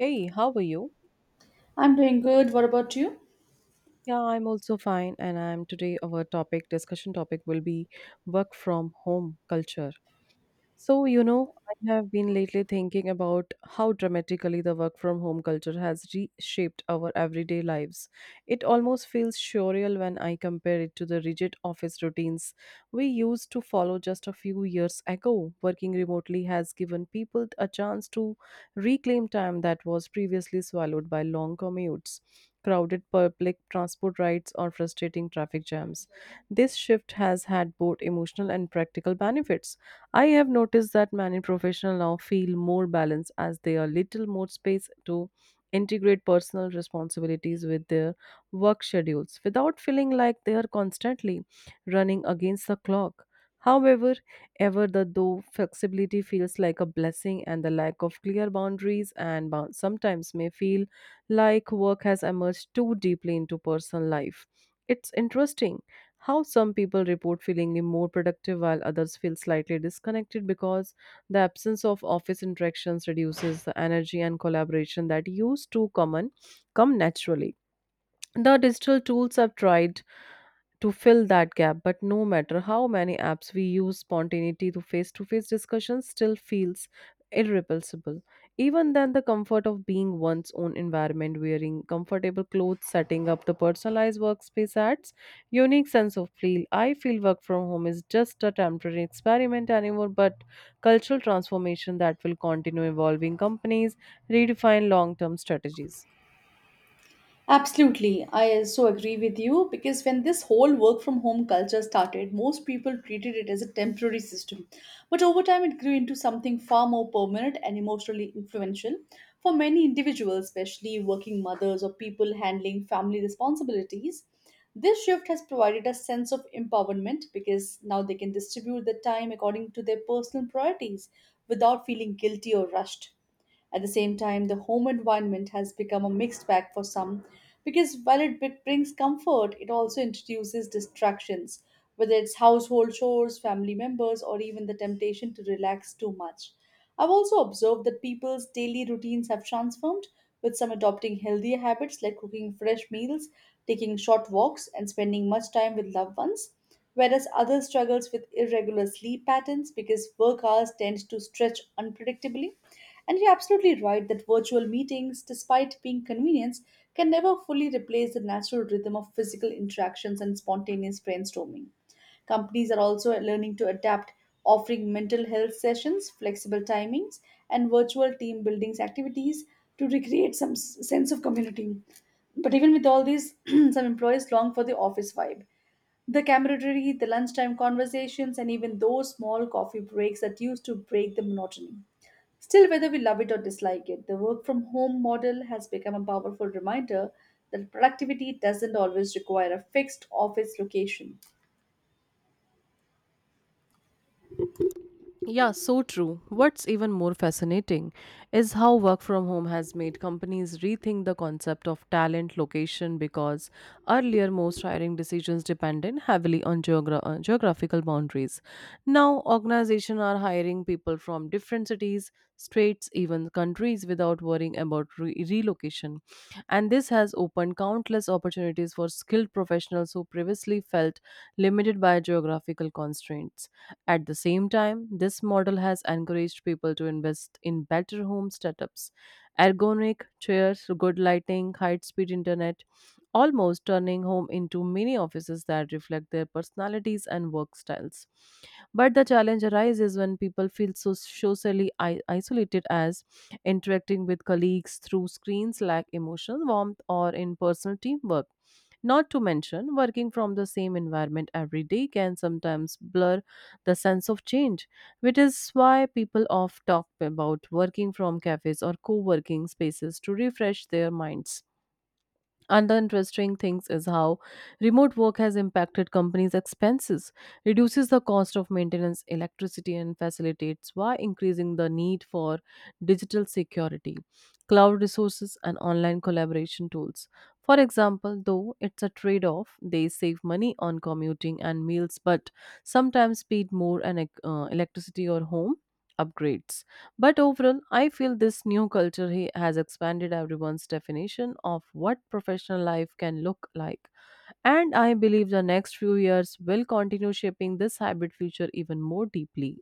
Hey, how are you? I'm doing good. What about you? Yeah, I'm also fine, and I'm today our topic discussion topic will be work from home culture. I have been lately thinking about how dramatically the work from home culture has reshaped our everyday lives. It almost feels surreal when I compare it to the rigid office routines we used to follow just a few years ago. Working remotely has given people a chance to reclaim time that was previously swallowed by long commutes, crowded public transport rides, or frustrating traffic jams. This shift has had both emotional and practical benefits. I have noticed that many professionals now feel more balanced as they are little more space to integrate personal responsibilities with their work schedules without feeling like they are constantly running against the clock. However, ever the though flexibility feels like a blessing, and the lack of clear boundaries and bound sometimes may feel like work has emerged too deeply into personal life. It's interesting how some people report feeling more productive while others feel slightly disconnected because the absence of office interactions reduces the energy and collaboration that used to common come naturally. The digital tools have tried to fill that gap, but no matter how many apps we use, spontaneity to face discussion still feels irreplaceable. Even then, the comfort of being one's own environment, wearing comfortable clothes, setting up the personalized workspace adds unique sense of feel. I feel work from home is just a temporary experiment anymore but cultural transformation that will continue evolving companies redefine long-term strategies. Absolutely. I so agree with you because when this whole work from home culture started, most people treated it as a temporary system. But over time, it grew into something far more permanent and emotionally influential for many individuals, especially working mothers or people handling family responsibilities. This shift has provided a sense of empowerment because now they can distribute their time according to their personal priorities without feeling guilty or rushed. At the same time, the home environment has become a mixed bag for some because while it brings comfort, it also introduces distractions, whether it's household chores, family members, or even the temptation to relax too much. I've also observed that people's daily routines have transformed, with some adopting healthier habits like cooking fresh meals, taking short walks, and spending much time with loved ones whereas others struggles with irregular sleep patterns because work hours tend to stretch unpredictably. And you're absolutely right that virtual meetings, despite being convenience, can never fully replace the natural rhythm of physical interactions and spontaneous brainstorming. Companies are also learning to adapt, offering mental health sessions, flexible timings, and virtual team building activities to recreate some sense of community. But even with all these, some employees long for the office vibe, the camaraderie, the lunchtime conversations, and even those small coffee breaks that used to break the monotony. Still, whether we love it or dislike it, the work from home model has become a powerful reminder that productivity doesn't always require a fixed office location. Yeah, so true. What's even more fascinating is how work from home has made companies rethink the concept of talent location because earlier most hiring decisions depended heavily on geographical boundaries. Now, organizations are hiring people from different cities, states, even countries without worrying about relocation. And this has opened countless opportunities for skilled professionals who previously felt limited by geographical constraints. At the same time, this model has encouraged people to invest in better home setups, ergonomic chairs, good lighting, high speed internet, almost turning home into mini offices that reflect their personalities and work styles. But the challenge arises when people feel so socially isolated as interacting with colleagues through screens lack emotional warmth or in personal teamwork. Not to mention, working from the same environment every day can sometimes blur the sense of change, which is why people often talk about working from cafes or co working spaces to refresh their minds. Another interesting thing is how remote work has impacted companies' expenses, reduces the cost of maintenance, electricity, and facilitates by increasing the need for digital security, cloud resources, and online collaboration tools. For example, though it's a trade off, they save money on commuting and meals, but sometimes paid more on electricity or home upgrades. But overall, I feel this new culture has expanded everyone's definition of what professional life can look like. And I believe the next few years will continue shaping this hybrid future even more deeply.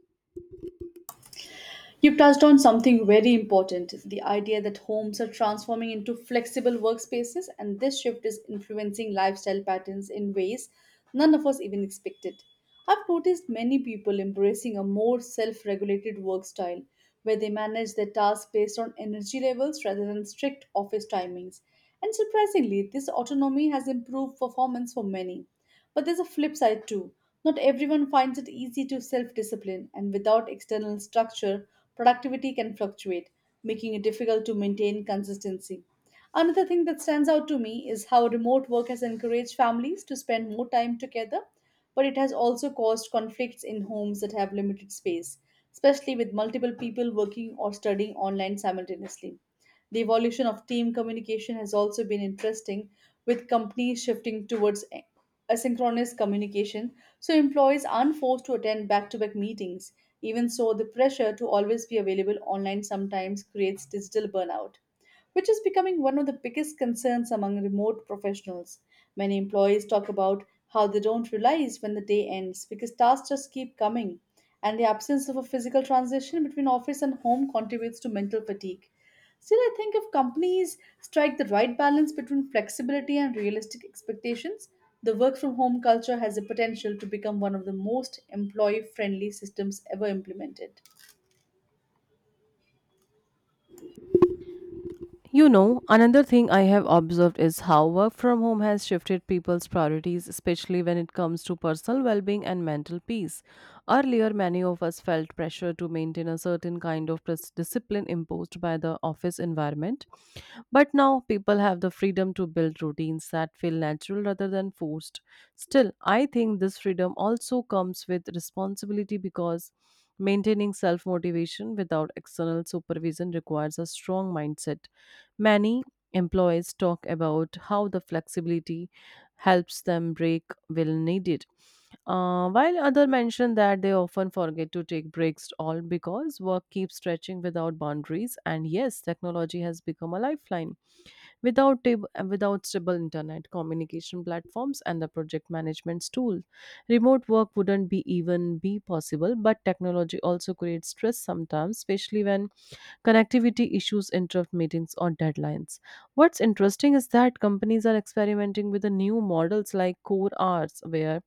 You've touched on something very important, the idea that homes are transforming into flexible workspaces, and this shift is influencing lifestyle patterns in ways none of us even expected. I've noticed many people embracing a more self regulated work style where they manage their tasks based on energy levels rather than strict office timings. And surprisingly, this autonomy has improved performance for many. But there's a flip side too. Not everyone finds it easy to self discipline, and without external structure, productivity can fluctuate, making it difficult to maintain consistency. Another thing that stands out to me is how remote work has encouraged families to spend more time together, but it has also caused conflicts in homes that have limited space, especially with multiple people working or studying online simultaneously. The evolution of team communication has also been interesting, with companies shifting towards asynchronous communication, so employees aren't forced to attend back to back meetings. Even so, the pressure to always be available online sometimes creates digital burnout, which is becoming one of the biggest concerns among remote professionals. Many employees talk about how they don't realize when the day ends because tasks just keep coming, and the absence of a physical transition between office and home contributes to mental fatigue. Still, I think if companies strike the right balance between flexibility and realistic expectations, the work from home culture has the potential to become one of the most employee friendly systems ever implemented. Another thing I have observed is how work from home has shifted people's priorities, especially when it comes to personal well being and mental peace. Earlier, many of us felt pressure to maintain a certain kind of discipline imposed by the office environment. But now, people have the freedom to build routines that feel natural rather than forced. Still, I think this freedom also comes with responsibility because maintaining self motivation without external supervision requires a strong mindset. Many employees talk about how the flexibility helps them break when needed, while others mention that they often forget to take breaks, all because work keeps stretching without boundaries. And yes, technology has become a lifeline. Without stable internet, communication platforms, and the project management tool, remote work wouldn't be even be possible. But technology also creates stress sometimes, especially when connectivity issues interrupt meetings or deadlines. What's interesting is that companies are experimenting with the new models like core hours, where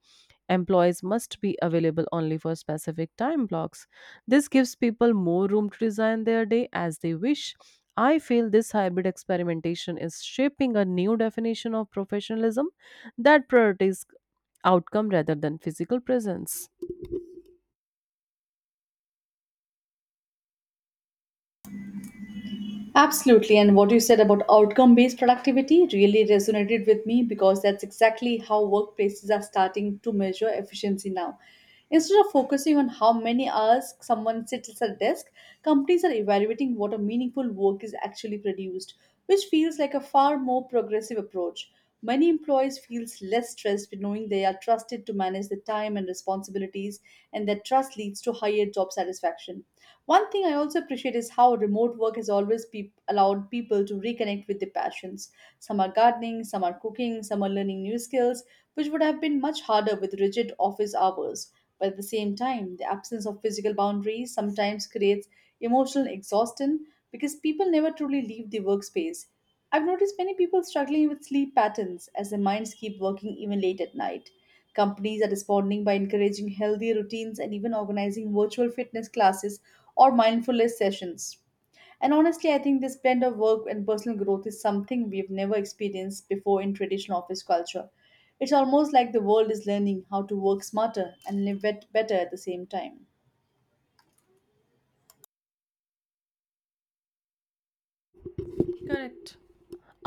employees must be available only for specific time blocks. This gives people more room to design their day as they wish. I feel this hybrid experimentation is shaping a new definition of professionalism that prioritizes outcome rather than physical presence. Absolutely. And what you said about outcome based productivity really resonated with me because that's exactly how workplaces are starting to measure efficiency now. Instead of focusing on how many hours someone sits at a desk, companies are evaluating what a meaningful work is actually produced, which feels like a far more progressive approach. Many employees feel less stressed with knowing they are trusted to manage the time and responsibilities, and that trust leads to higher job satisfaction. One thing I also appreciate is how remote work has always peop allowed people to reconnect with their passions. Some are gardening, some are cooking, some are learning new skills, which would have been much harder with rigid office hours. But at the same time, the absence of physical boundaries sometimes creates emotional exhaustion because people never truly leave the workspace. I've noticed many people struggling with sleep patterns as their minds keep working even late at night. Companies are responding by encouraging healthy routines and even organizing virtual fitness classes or mindfulness sessions. And honestly, I think this blend of work and personal growth is something we've never experienced before in traditional office culture. It's almost like the world is learning how to work smarter and live better at the same time. Correct.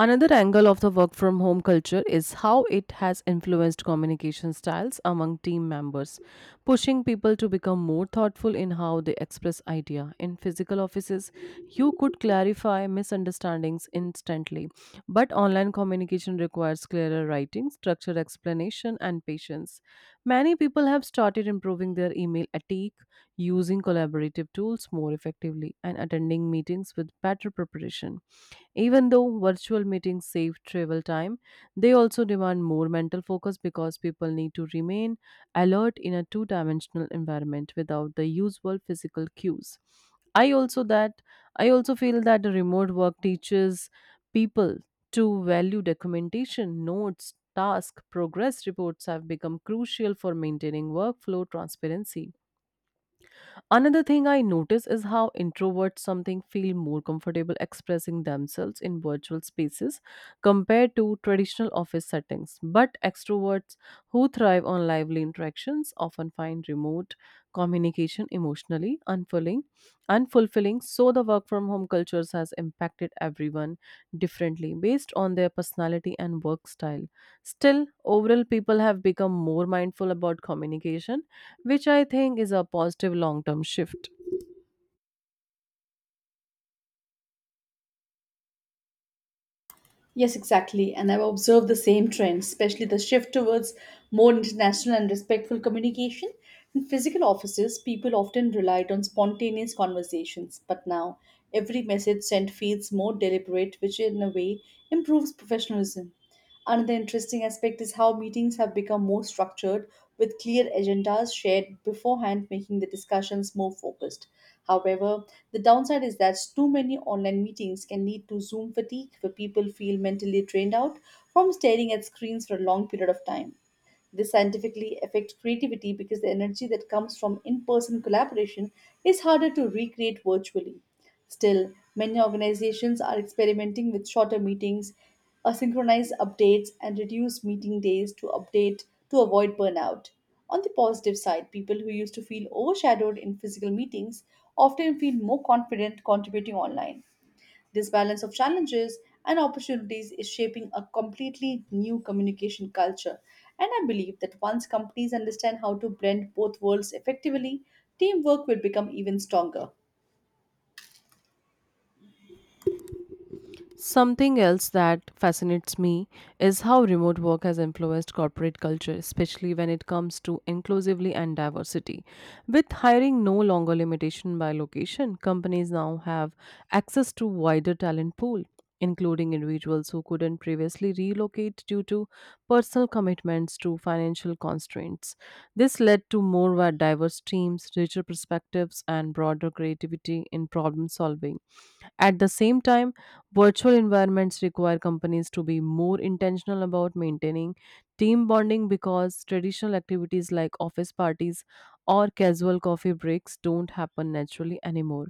Another angle of the work from home culture is how it has influenced communication styles among team members, pushing people to become more thoughtful in how they express idea. In physical offices, you could clarify misunderstandings instantly, but online communication requires clearer writing, structured explanation, and patience. Many people have started improving their email attack, using collaborative tools more effectively, and attending meetings with better preparation. Even though virtual meetings save travel time, they also demand more mental focus because people need to remain alert in a two dimensional environment without the usual physical cues. I also that I also feel that the remote work teaches people to value documentation, notes, task, progress reports have become crucial for maintaining workflow transparency. Another thing I notice is how introverts something feel more comfortable expressing themselves in virtual spaces compared to traditional office settings. But extroverts who thrive on lively interactions often find remote communication unfulfilling. So the work from home cultures has impacted everyone differently based on their personality and work style. Still, overall people have become more mindful about communication which I think is a positive long term shift. Yes, exactly. And I've observed the same trend, especially the shift towards more international and respectful communication. In physical offices, people often relied on spontaneous conversations, but now every message sent feels more deliberate, which in a way improves professionalism. Another interesting aspect is how meetings have become more structured with clear agendas shared beforehand, making the discussions more focused. However, the downside is that too many online meetings can lead to Zoom fatigue, where people feel mentally drained out from staring at screens for a long period of time. This scientifically affects creativity because the energy that comes from in person collaboration is harder to recreate virtually. Still, many organizations are experimenting with shorter meetings, asynchronized updates, and reduced meeting days to update to avoid burnout. On the positive side, people who used to feel overshadowed in physical meetings often feel more confident contributing online. This balance of challenges and opportunities is shaping a completely new communication culture. And I believe that once companies understand how to blend both worlds effectively, teamwork will become even stronger. Something else that fascinates me is how remote work has influenced corporate culture, especially when it comes to inclusively and diversity. With hiring no longer limitation by location, companies now have access to wider talent pool, including individuals who couldn't previously relocate due to personal commitments to financial constraints. This led to more diverse teams, richer perspectives, and broader creativity in problem solving. At the same time, virtual environments require companies to be more intentional about maintaining team bonding because traditional activities like office parties or casual coffee breaks don't happen naturally anymore.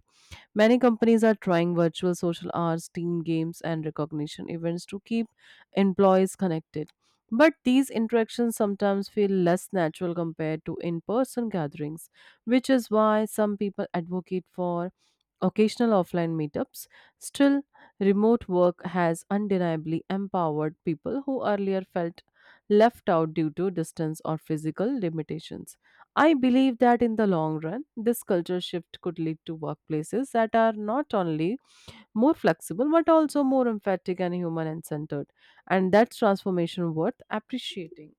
Many companies are trying virtual social hours, team games, and recognition events to keep employees connected. But these interactions sometimes feel less natural compared to in person gatherings, which is why some people advocate for occasional offline meetups. Still, remote work has undeniably empowered people who earlier felt left out due to distance or physical limitations. I believe that in the long run, this culture shift could lead to workplaces that are not only more flexible but also more emphatic and human and centered. And that's transformation worth appreciating.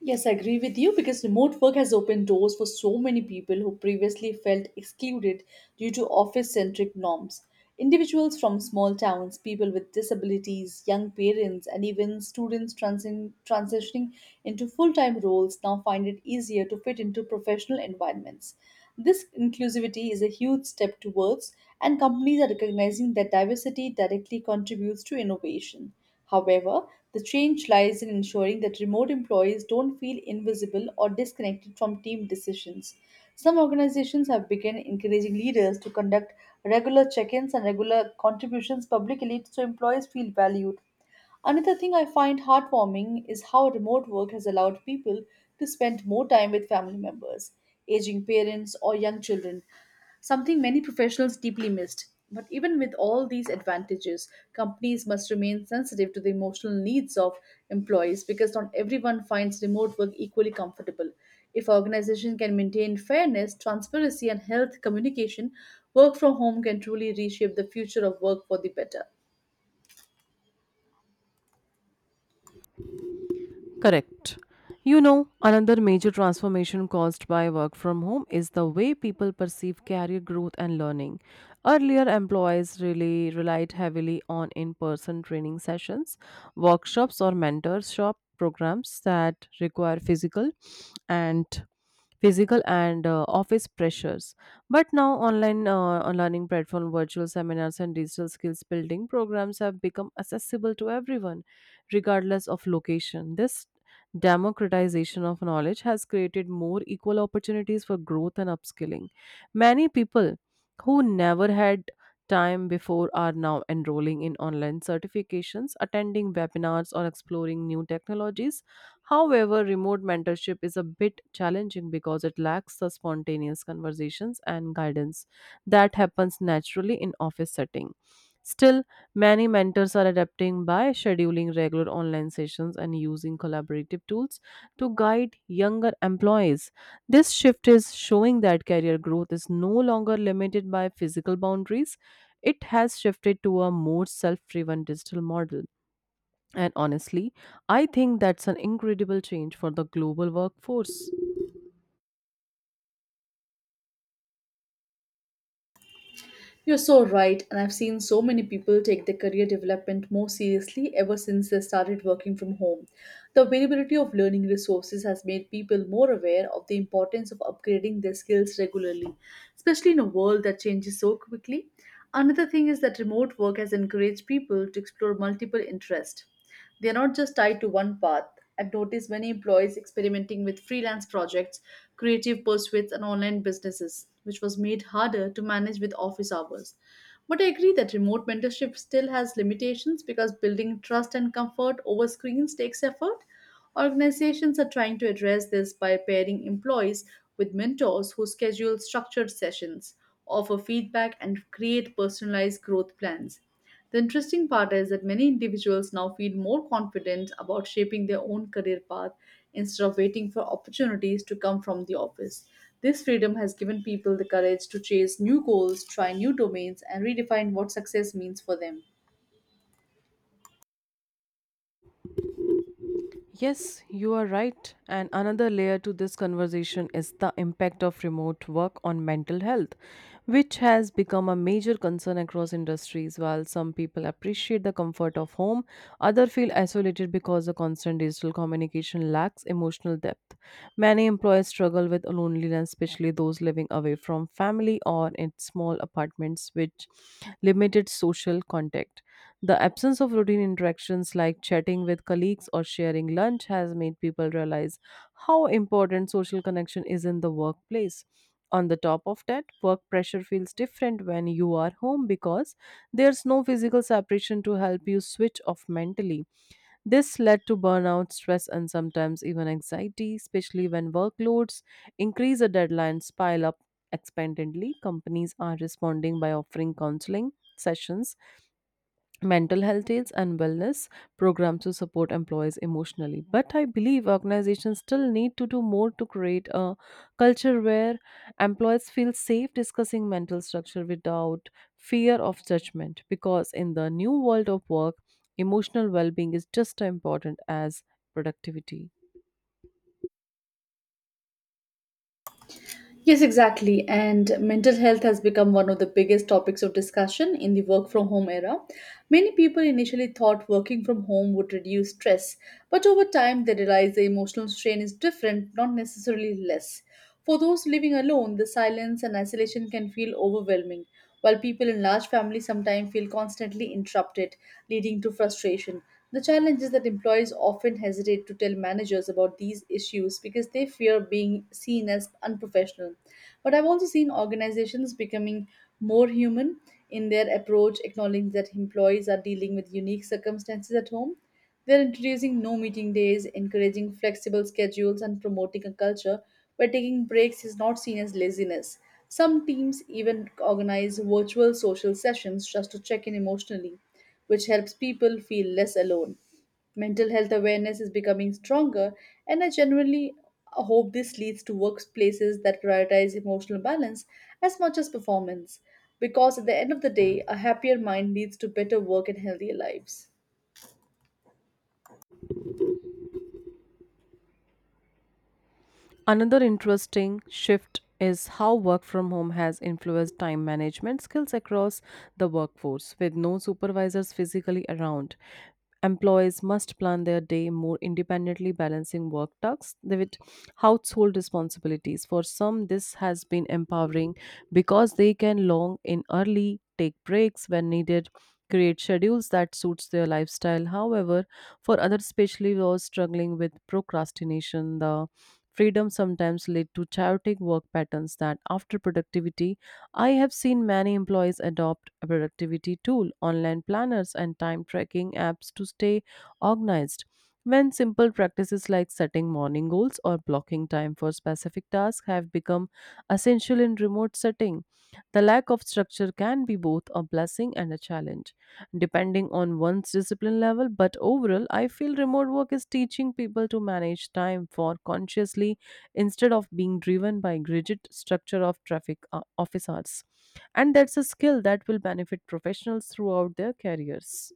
Yes, I agree with you because remote work has opened doors for so many people who previously felt excluded due to office centric norms. Individuals from small towns, people with disabilities, young parents, and even students transitioning into full time roles now find it easier to fit into professional environments. This inclusivity is a huge step towards, and companies are recognizing that diversity directly contributes to innovation. However, the change lies in ensuring that remote employees don't feel invisible or disconnected from team decisions. Some organizations have begun encouraging leaders to conduct regular check ins and regular contributions publicly so employees feel valued. Another thing I find heartwarming is how remote work has allowed people to spend more time with family members, aging parents, or young children, something many professionals deeply missed. But even with all these advantages, companies must remain sensitive to the emotional needs of employees because not everyone finds remote work equally comfortable. If organization can maintain fairness, transparency, and health communication, work from home can truly reshape the future of work for the better. Correct. Another major transformation caused by work from home is the way people perceive career growth and learning. Earlier, employees really relied heavily on in person training sessions, workshops, or mentorship programs that require physical and office pressures, but now online learning platform, virtual seminars, and digital skills building programs have become accessible to everyone regardless of location. This democratization of knowledge has created more equal opportunities for growth and upskilling. Many people who never had time before are now enrolling in online certifications, attending webinars, or exploring new technologies. However, remote mentorship is a bit challenging because it lacks the spontaneous conversations and guidance that happens naturally in office setting. Still, many mentors are adapting by scheduling regular online sessions and using collaborative tools to guide younger employees. This shift is showing that career growth is no longer limited by physical boundaries. It has shifted to a more self driven digital model. And honestly, I think that's an incredible change for the global workforce. You're so right, and I've seen so many people take their career development more seriously ever since they started working from home. The availability of learning resources has made people more aware of the importance of upgrading their skills regularly, especially in a world that changes so quickly. Another thing is that remote work has encouraged people to explore multiple interests. They're not just tied to one path. I've noticed many employees experimenting with freelance projects, creative pursuits, and online businesses, which was made harder to manage with office hours. But I agree that remote mentorship still has limitations because building trust and comfort over screens takes effort. Organizations are trying to address this by pairing employees with mentors who schedule structured sessions, offer feedback, and create personalized growth plans. The interesting part is that many individuals now feel more confident about shaping their own career path instead of waiting for opportunities to come from the office. This freedom has given people the courage to chase new goals, try new domains, and redefine what success means for them. Yes, you are right. And another layer to this conversation is the impact of remote work on mental health, which has become a major concern across industries. While some people appreciate the comfort of home, others feel isolated because the constant digital communication lacks emotional depth. Many employees struggle with loneliness, especially those living away from family or in small apartments, which limited social contact. The absence of routine interactions like chatting with colleagues or sharing lunch has made people realize how important social connection is in the workplace. On the top of that, work pressure feels different when you are home because there's no physical separation to help you switch off mentally. This led to burnout, stress, and sometimes even anxiety, especially when workloads increase or deadlines pile up expectantly. Companies are responding by offering counseling sessions, mental health aids, and wellness programs to support employees emotionally, but I believe organizations still need to do more to create a culture where employees feel safe discussing mental structure without fear of judgment, because in the new world of work, emotional well-being is just as important as productivity. Yes, exactly. And mental health has become one of the biggest topics of discussion in the work from home era. Many people initially thought working from home would reduce stress, but over time they realized the emotional strain is different, not necessarily less. For those living alone, the silence and isolation can feel overwhelming while people in large families sometimes feel constantly interrupted, leading to frustration. The challenge is that employees often hesitate to tell managers about these issues because they fear being seen as unprofessional. But I've also seen organizations becoming more human in their approach, acknowledging that employees are dealing with unique circumstances at home. They're introducing no meeting days, encouraging flexible schedules, and promoting a culture where taking breaks is not seen as laziness. Some teams even organize virtual social sessions just to check in emotionally, which helps people feel less alone. Mental health awareness is becoming stronger, and I genuinely hope this leads to workplaces that prioritize emotional balance as much as performance, because at the end of the day, a happier mind leads to better work and healthier lives. Another interesting shift is how work from home has influenced time management skills across the workforce. With no supervisors physically around, employees must plan their day more independently, balancing work tasks with household responsibilities. For some, this has been empowering because they can log in early, take breaks when needed, create schedules that suits their lifestyle. However, for others, especially those struggling with procrastination, the Freedom sometimes led to chaotic work patterns that after productivity, I have seen many employees adopt a productivity tool, online planners, and time tracking apps to stay organized. When simple practices like setting morning goals or blocking time for specific tasks have become essential in remote setting, the lack of structure can be both a blessing and a challenge depending on one's discipline level. But overall, I feel remote work is teaching people to manage time for consciously instead of being driven by rigid structure of traffic office hours. And that's a skill that will benefit professionals throughout their careers.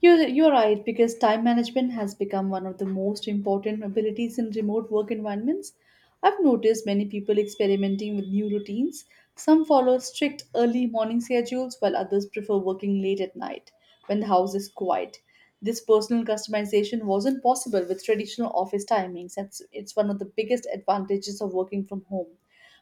You're right, because time management has become one of the most important abilities in remote work environments. I've noticed many people experimenting with new routines. Some follow strict early morning schedules, while others prefer working late at night when the house is quiet. This personal customization wasn't possible with traditional office timings, and it's one of the biggest advantages of working from home.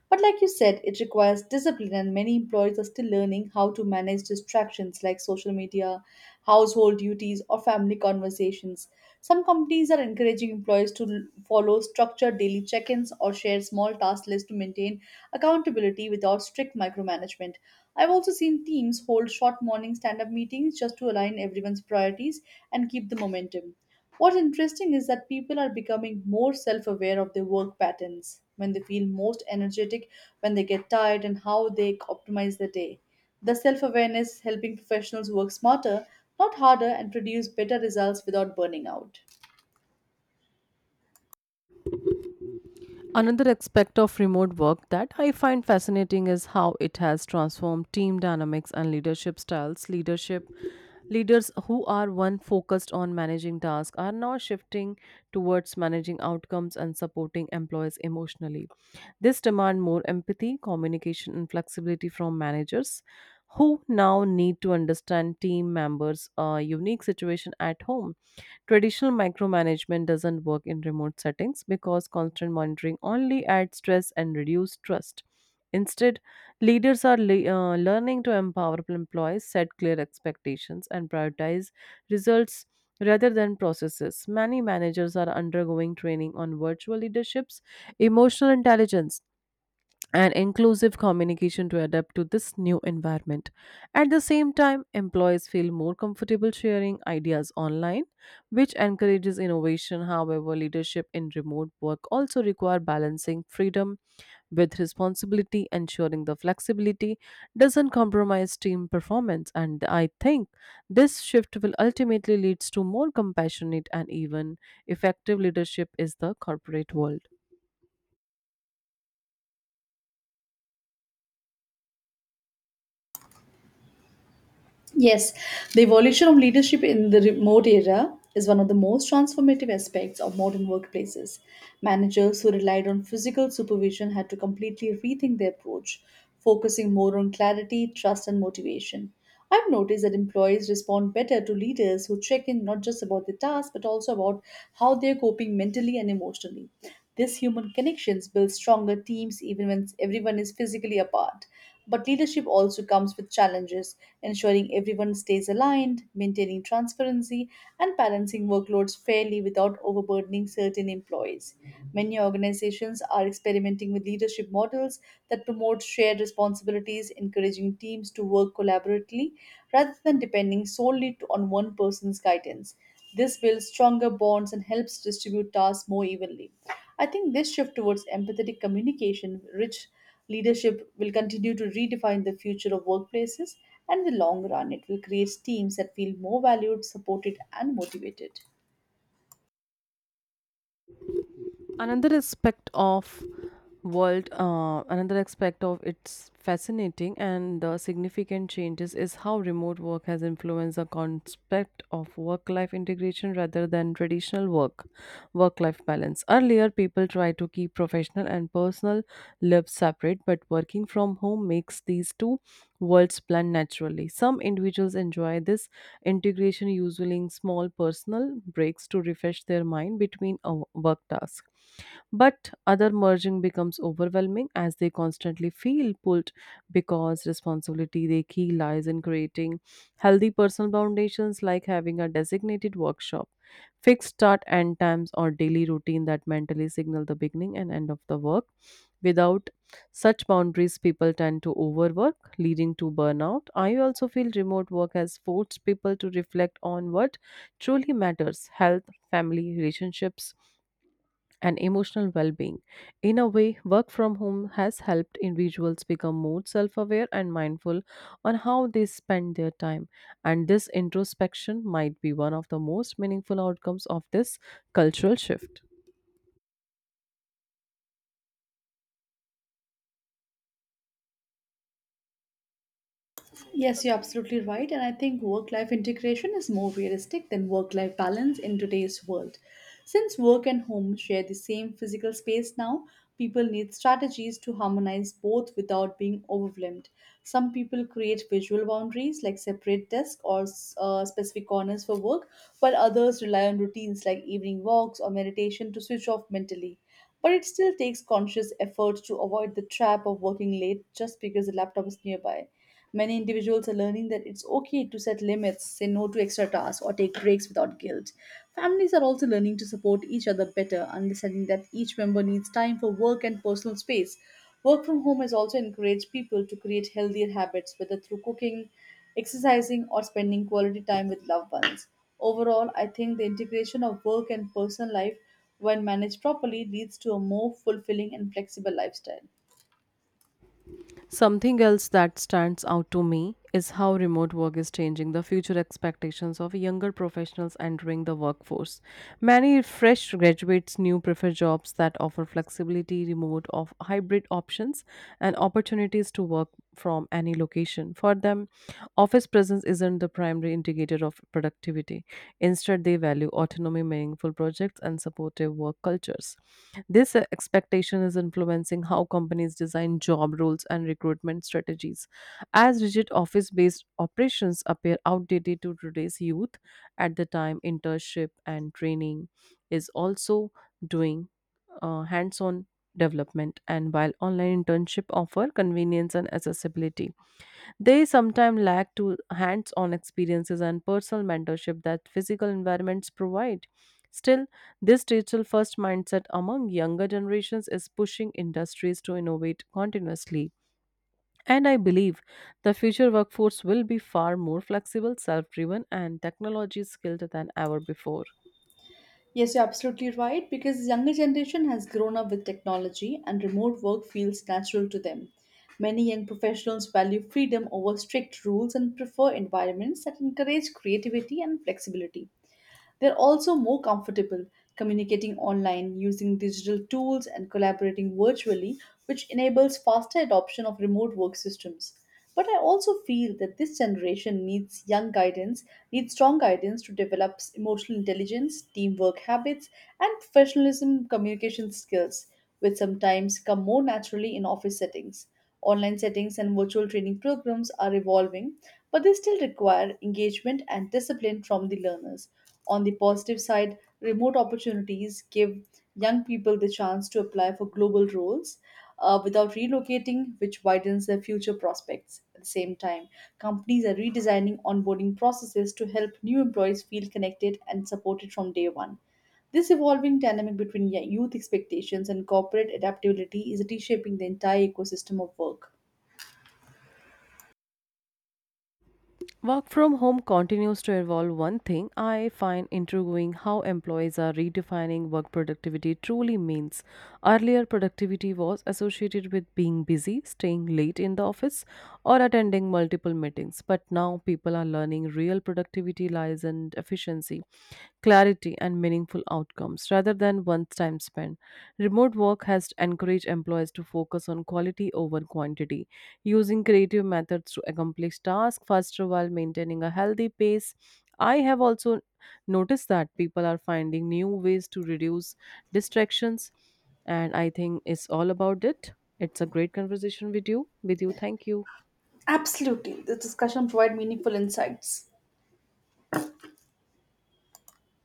But like you said, it requires discipline, and many employees are still learning how to manage distractions like social media, household duties, or family conversations. Some companies are encouraging employees to follow structured daily check ins or share small task lists to maintain accountability without strict micromanagement. I've also seen teams hold short morning stand up meetings just to align everyone's priorities and keep the momentum. What's interesting is that people are becoming more self aware of their work patterns, when they feel most energetic, when they get tired, and how they optimize their day. The self awareness helping professionals work smarter, not harder, and produce better results without burning out. Another aspect of remote work that I find fascinating is how it has transformed team dynamics and leadership styles. Leaders who are one focused on managing tasks are now shifting towards managing outcomes and supporting employees emotionally. This demand more empathy, communication and flexibility from managers who now need to understand team members' unique situation at home. Traditional micromanagement doesn't work in remote settings because constant monitoring only adds stress and reduces trust. Instead, leaders are learning to empower employees, set clear expectations, and prioritize results rather than processes. Many managers are undergoing training on virtual leaderships, emotional intelligence, and inclusive communication to adapt to this new environment. At the same time, employees feel more comfortable sharing ideas online, which encourages innovation. However, leadership in remote work also require balancing freedom with responsibility, ensuring the flexibility doesn't compromise team performance. And I think this shift will ultimately leads to more compassionate and even effective leadership is the corporate world. Yes, the evolution of leadership in the remote era is one of the most transformative aspects of modern workplaces. Managers who relied on physical supervision had to completely rethink their approach, focusing more on clarity, trust, and motivation. I've noticed that employees respond better to leaders who check in not just about the task but also about how they're coping mentally and emotionally. This human connections build stronger teams even when everyone is physically apart. But leadership also comes with challenges, ensuring everyone stays aligned, maintaining transparency, and balancing workloads fairly without overburdening certain employees. Many organizations are experimenting with leadership models that promote shared responsibilities, encouraging teams to work collaboratively rather than depending solely on one person's guidance. This builds stronger bonds and helps distribute tasks more evenly. I think this shift towards empathetic communication, rich leadership will continue to redefine the future of workplaces, and in the long run, it will create teams that feel more valued, supported, and motivated. another aspect of Another aspect of its fascinating and the significant changes is how remote work has influenced the concept of work life integration rather than traditional work life balance. Earlier people tried to keep professional and personal lives separate, but working from home makes these two worlds blend naturally. Some individuals enjoy this integration using small personal breaks to refresh their mind between a work task. But other merging becomes overwhelming as they constantly feel pulled because responsibility they key lies in creating healthy personal foundations like having a designated workshop, fixed start and times or daily routine that mentally signal the beginning and end of the work. Without such boundaries, people tend to overwork, leading to burnout. I also feel remote work has forced people to reflect on what truly matters health, family, relationships, and emotional well being. In a way, work from home has helped individuals become more self aware and mindful on how they spend their time, and this introspection might be one of the most meaningful outcomes of this cultural shift. Yes, you're absolutely right. And I think work life integration is more realistic than work life balance in today's world. Since work and home share the same physical space now, people need strategies to harmonize both without being overwhelmed. Some people create visual boundaries like separate desks or specific corners for work, while others rely on routines like evening walks or meditation to switch off mentally. But it still takes conscious effort to avoid the trap of working late just because the laptop is nearby. Many individuals are learning that it's okay to set limits, say no to extra tasks, or take breaks without guilt. Families are also learning to support each other better, understanding that each member needs time for work and personal space. Work from home has also encouraged people to create healthier habits, whether through cooking, exercising, or spending quality time with loved ones. Overall, I think the integration of work and personal life, when managed properly, leads to a more fulfilling and flexible lifestyle. Something else that stands out to me is how remote work is changing the future expectations of younger professionals entering the workforce. Many fresh graduates now prefer jobs that offer flexibility, remote or hybrid options, and opportunities to work from any location. For them, office presence isn't the primary indicator of productivity. Instead, they value autonomy, meaningful projects, and supportive work cultures. This expectation is influencing how companies design job roles and recruitment strategies. As rigid office based operations appear outdated to today's youth, at the time, internship and training is also doing hands on development. And while online internship offer convenience and accessibility, they sometimes lack to hands-on experiences and personal mentorship that physical environments provide. Still, this digital first mindset among younger generations is pushing industries to innovate continuously. And I believe the future workforce will be far more flexible, self driven, and technology skilled than ever before. Yes, you're absolutely right because younger generation has grown up with technology and remote work feels natural to them. Many young professionals value freedom over strict rules and prefer environments that encourage creativity and flexibility. They're also more comfortable communicating online, using digital tools, and collaborating virtually, which enables faster adoption of remote work systems. But I also feel that this generation needs young guidance, needs strong guidance to develop emotional intelligence, teamwork habits, and professionalism communication skills, which sometimes come more naturally in office settings. Online settings and virtual training programs are evolving, but they still require engagement and discipline from the learners on the positive side, remote opportunities give young people the chance to apply for global roles without relocating, which widens their future prospects. At the same time, companies are redesigning onboarding processes to help new employees feel connected and supported from day one. This evolving dynamic between youth expectations and corporate adaptability is reshaping the entire ecosystem of work. Work from home continues to evolve. One thing I find intriguing how employees are redefining what productivity truly means. Earlier, productivity was associated with being busy, staying late in the office, or attending multiple meetings. But now people are learning real productivity lies in efficiency, clarity, and meaningful outcomes rather than one time spent. Remote work has encouraged employees to focus on quality over quantity using creative methods to accomplish tasks faster while maintaining a healthy pace. I have also noticed that people are finding new ways to reduce distractions, and I think it's all about it. It's a great conversation with you. With you, thank you. Absolutely, this discussion provides meaningful insights.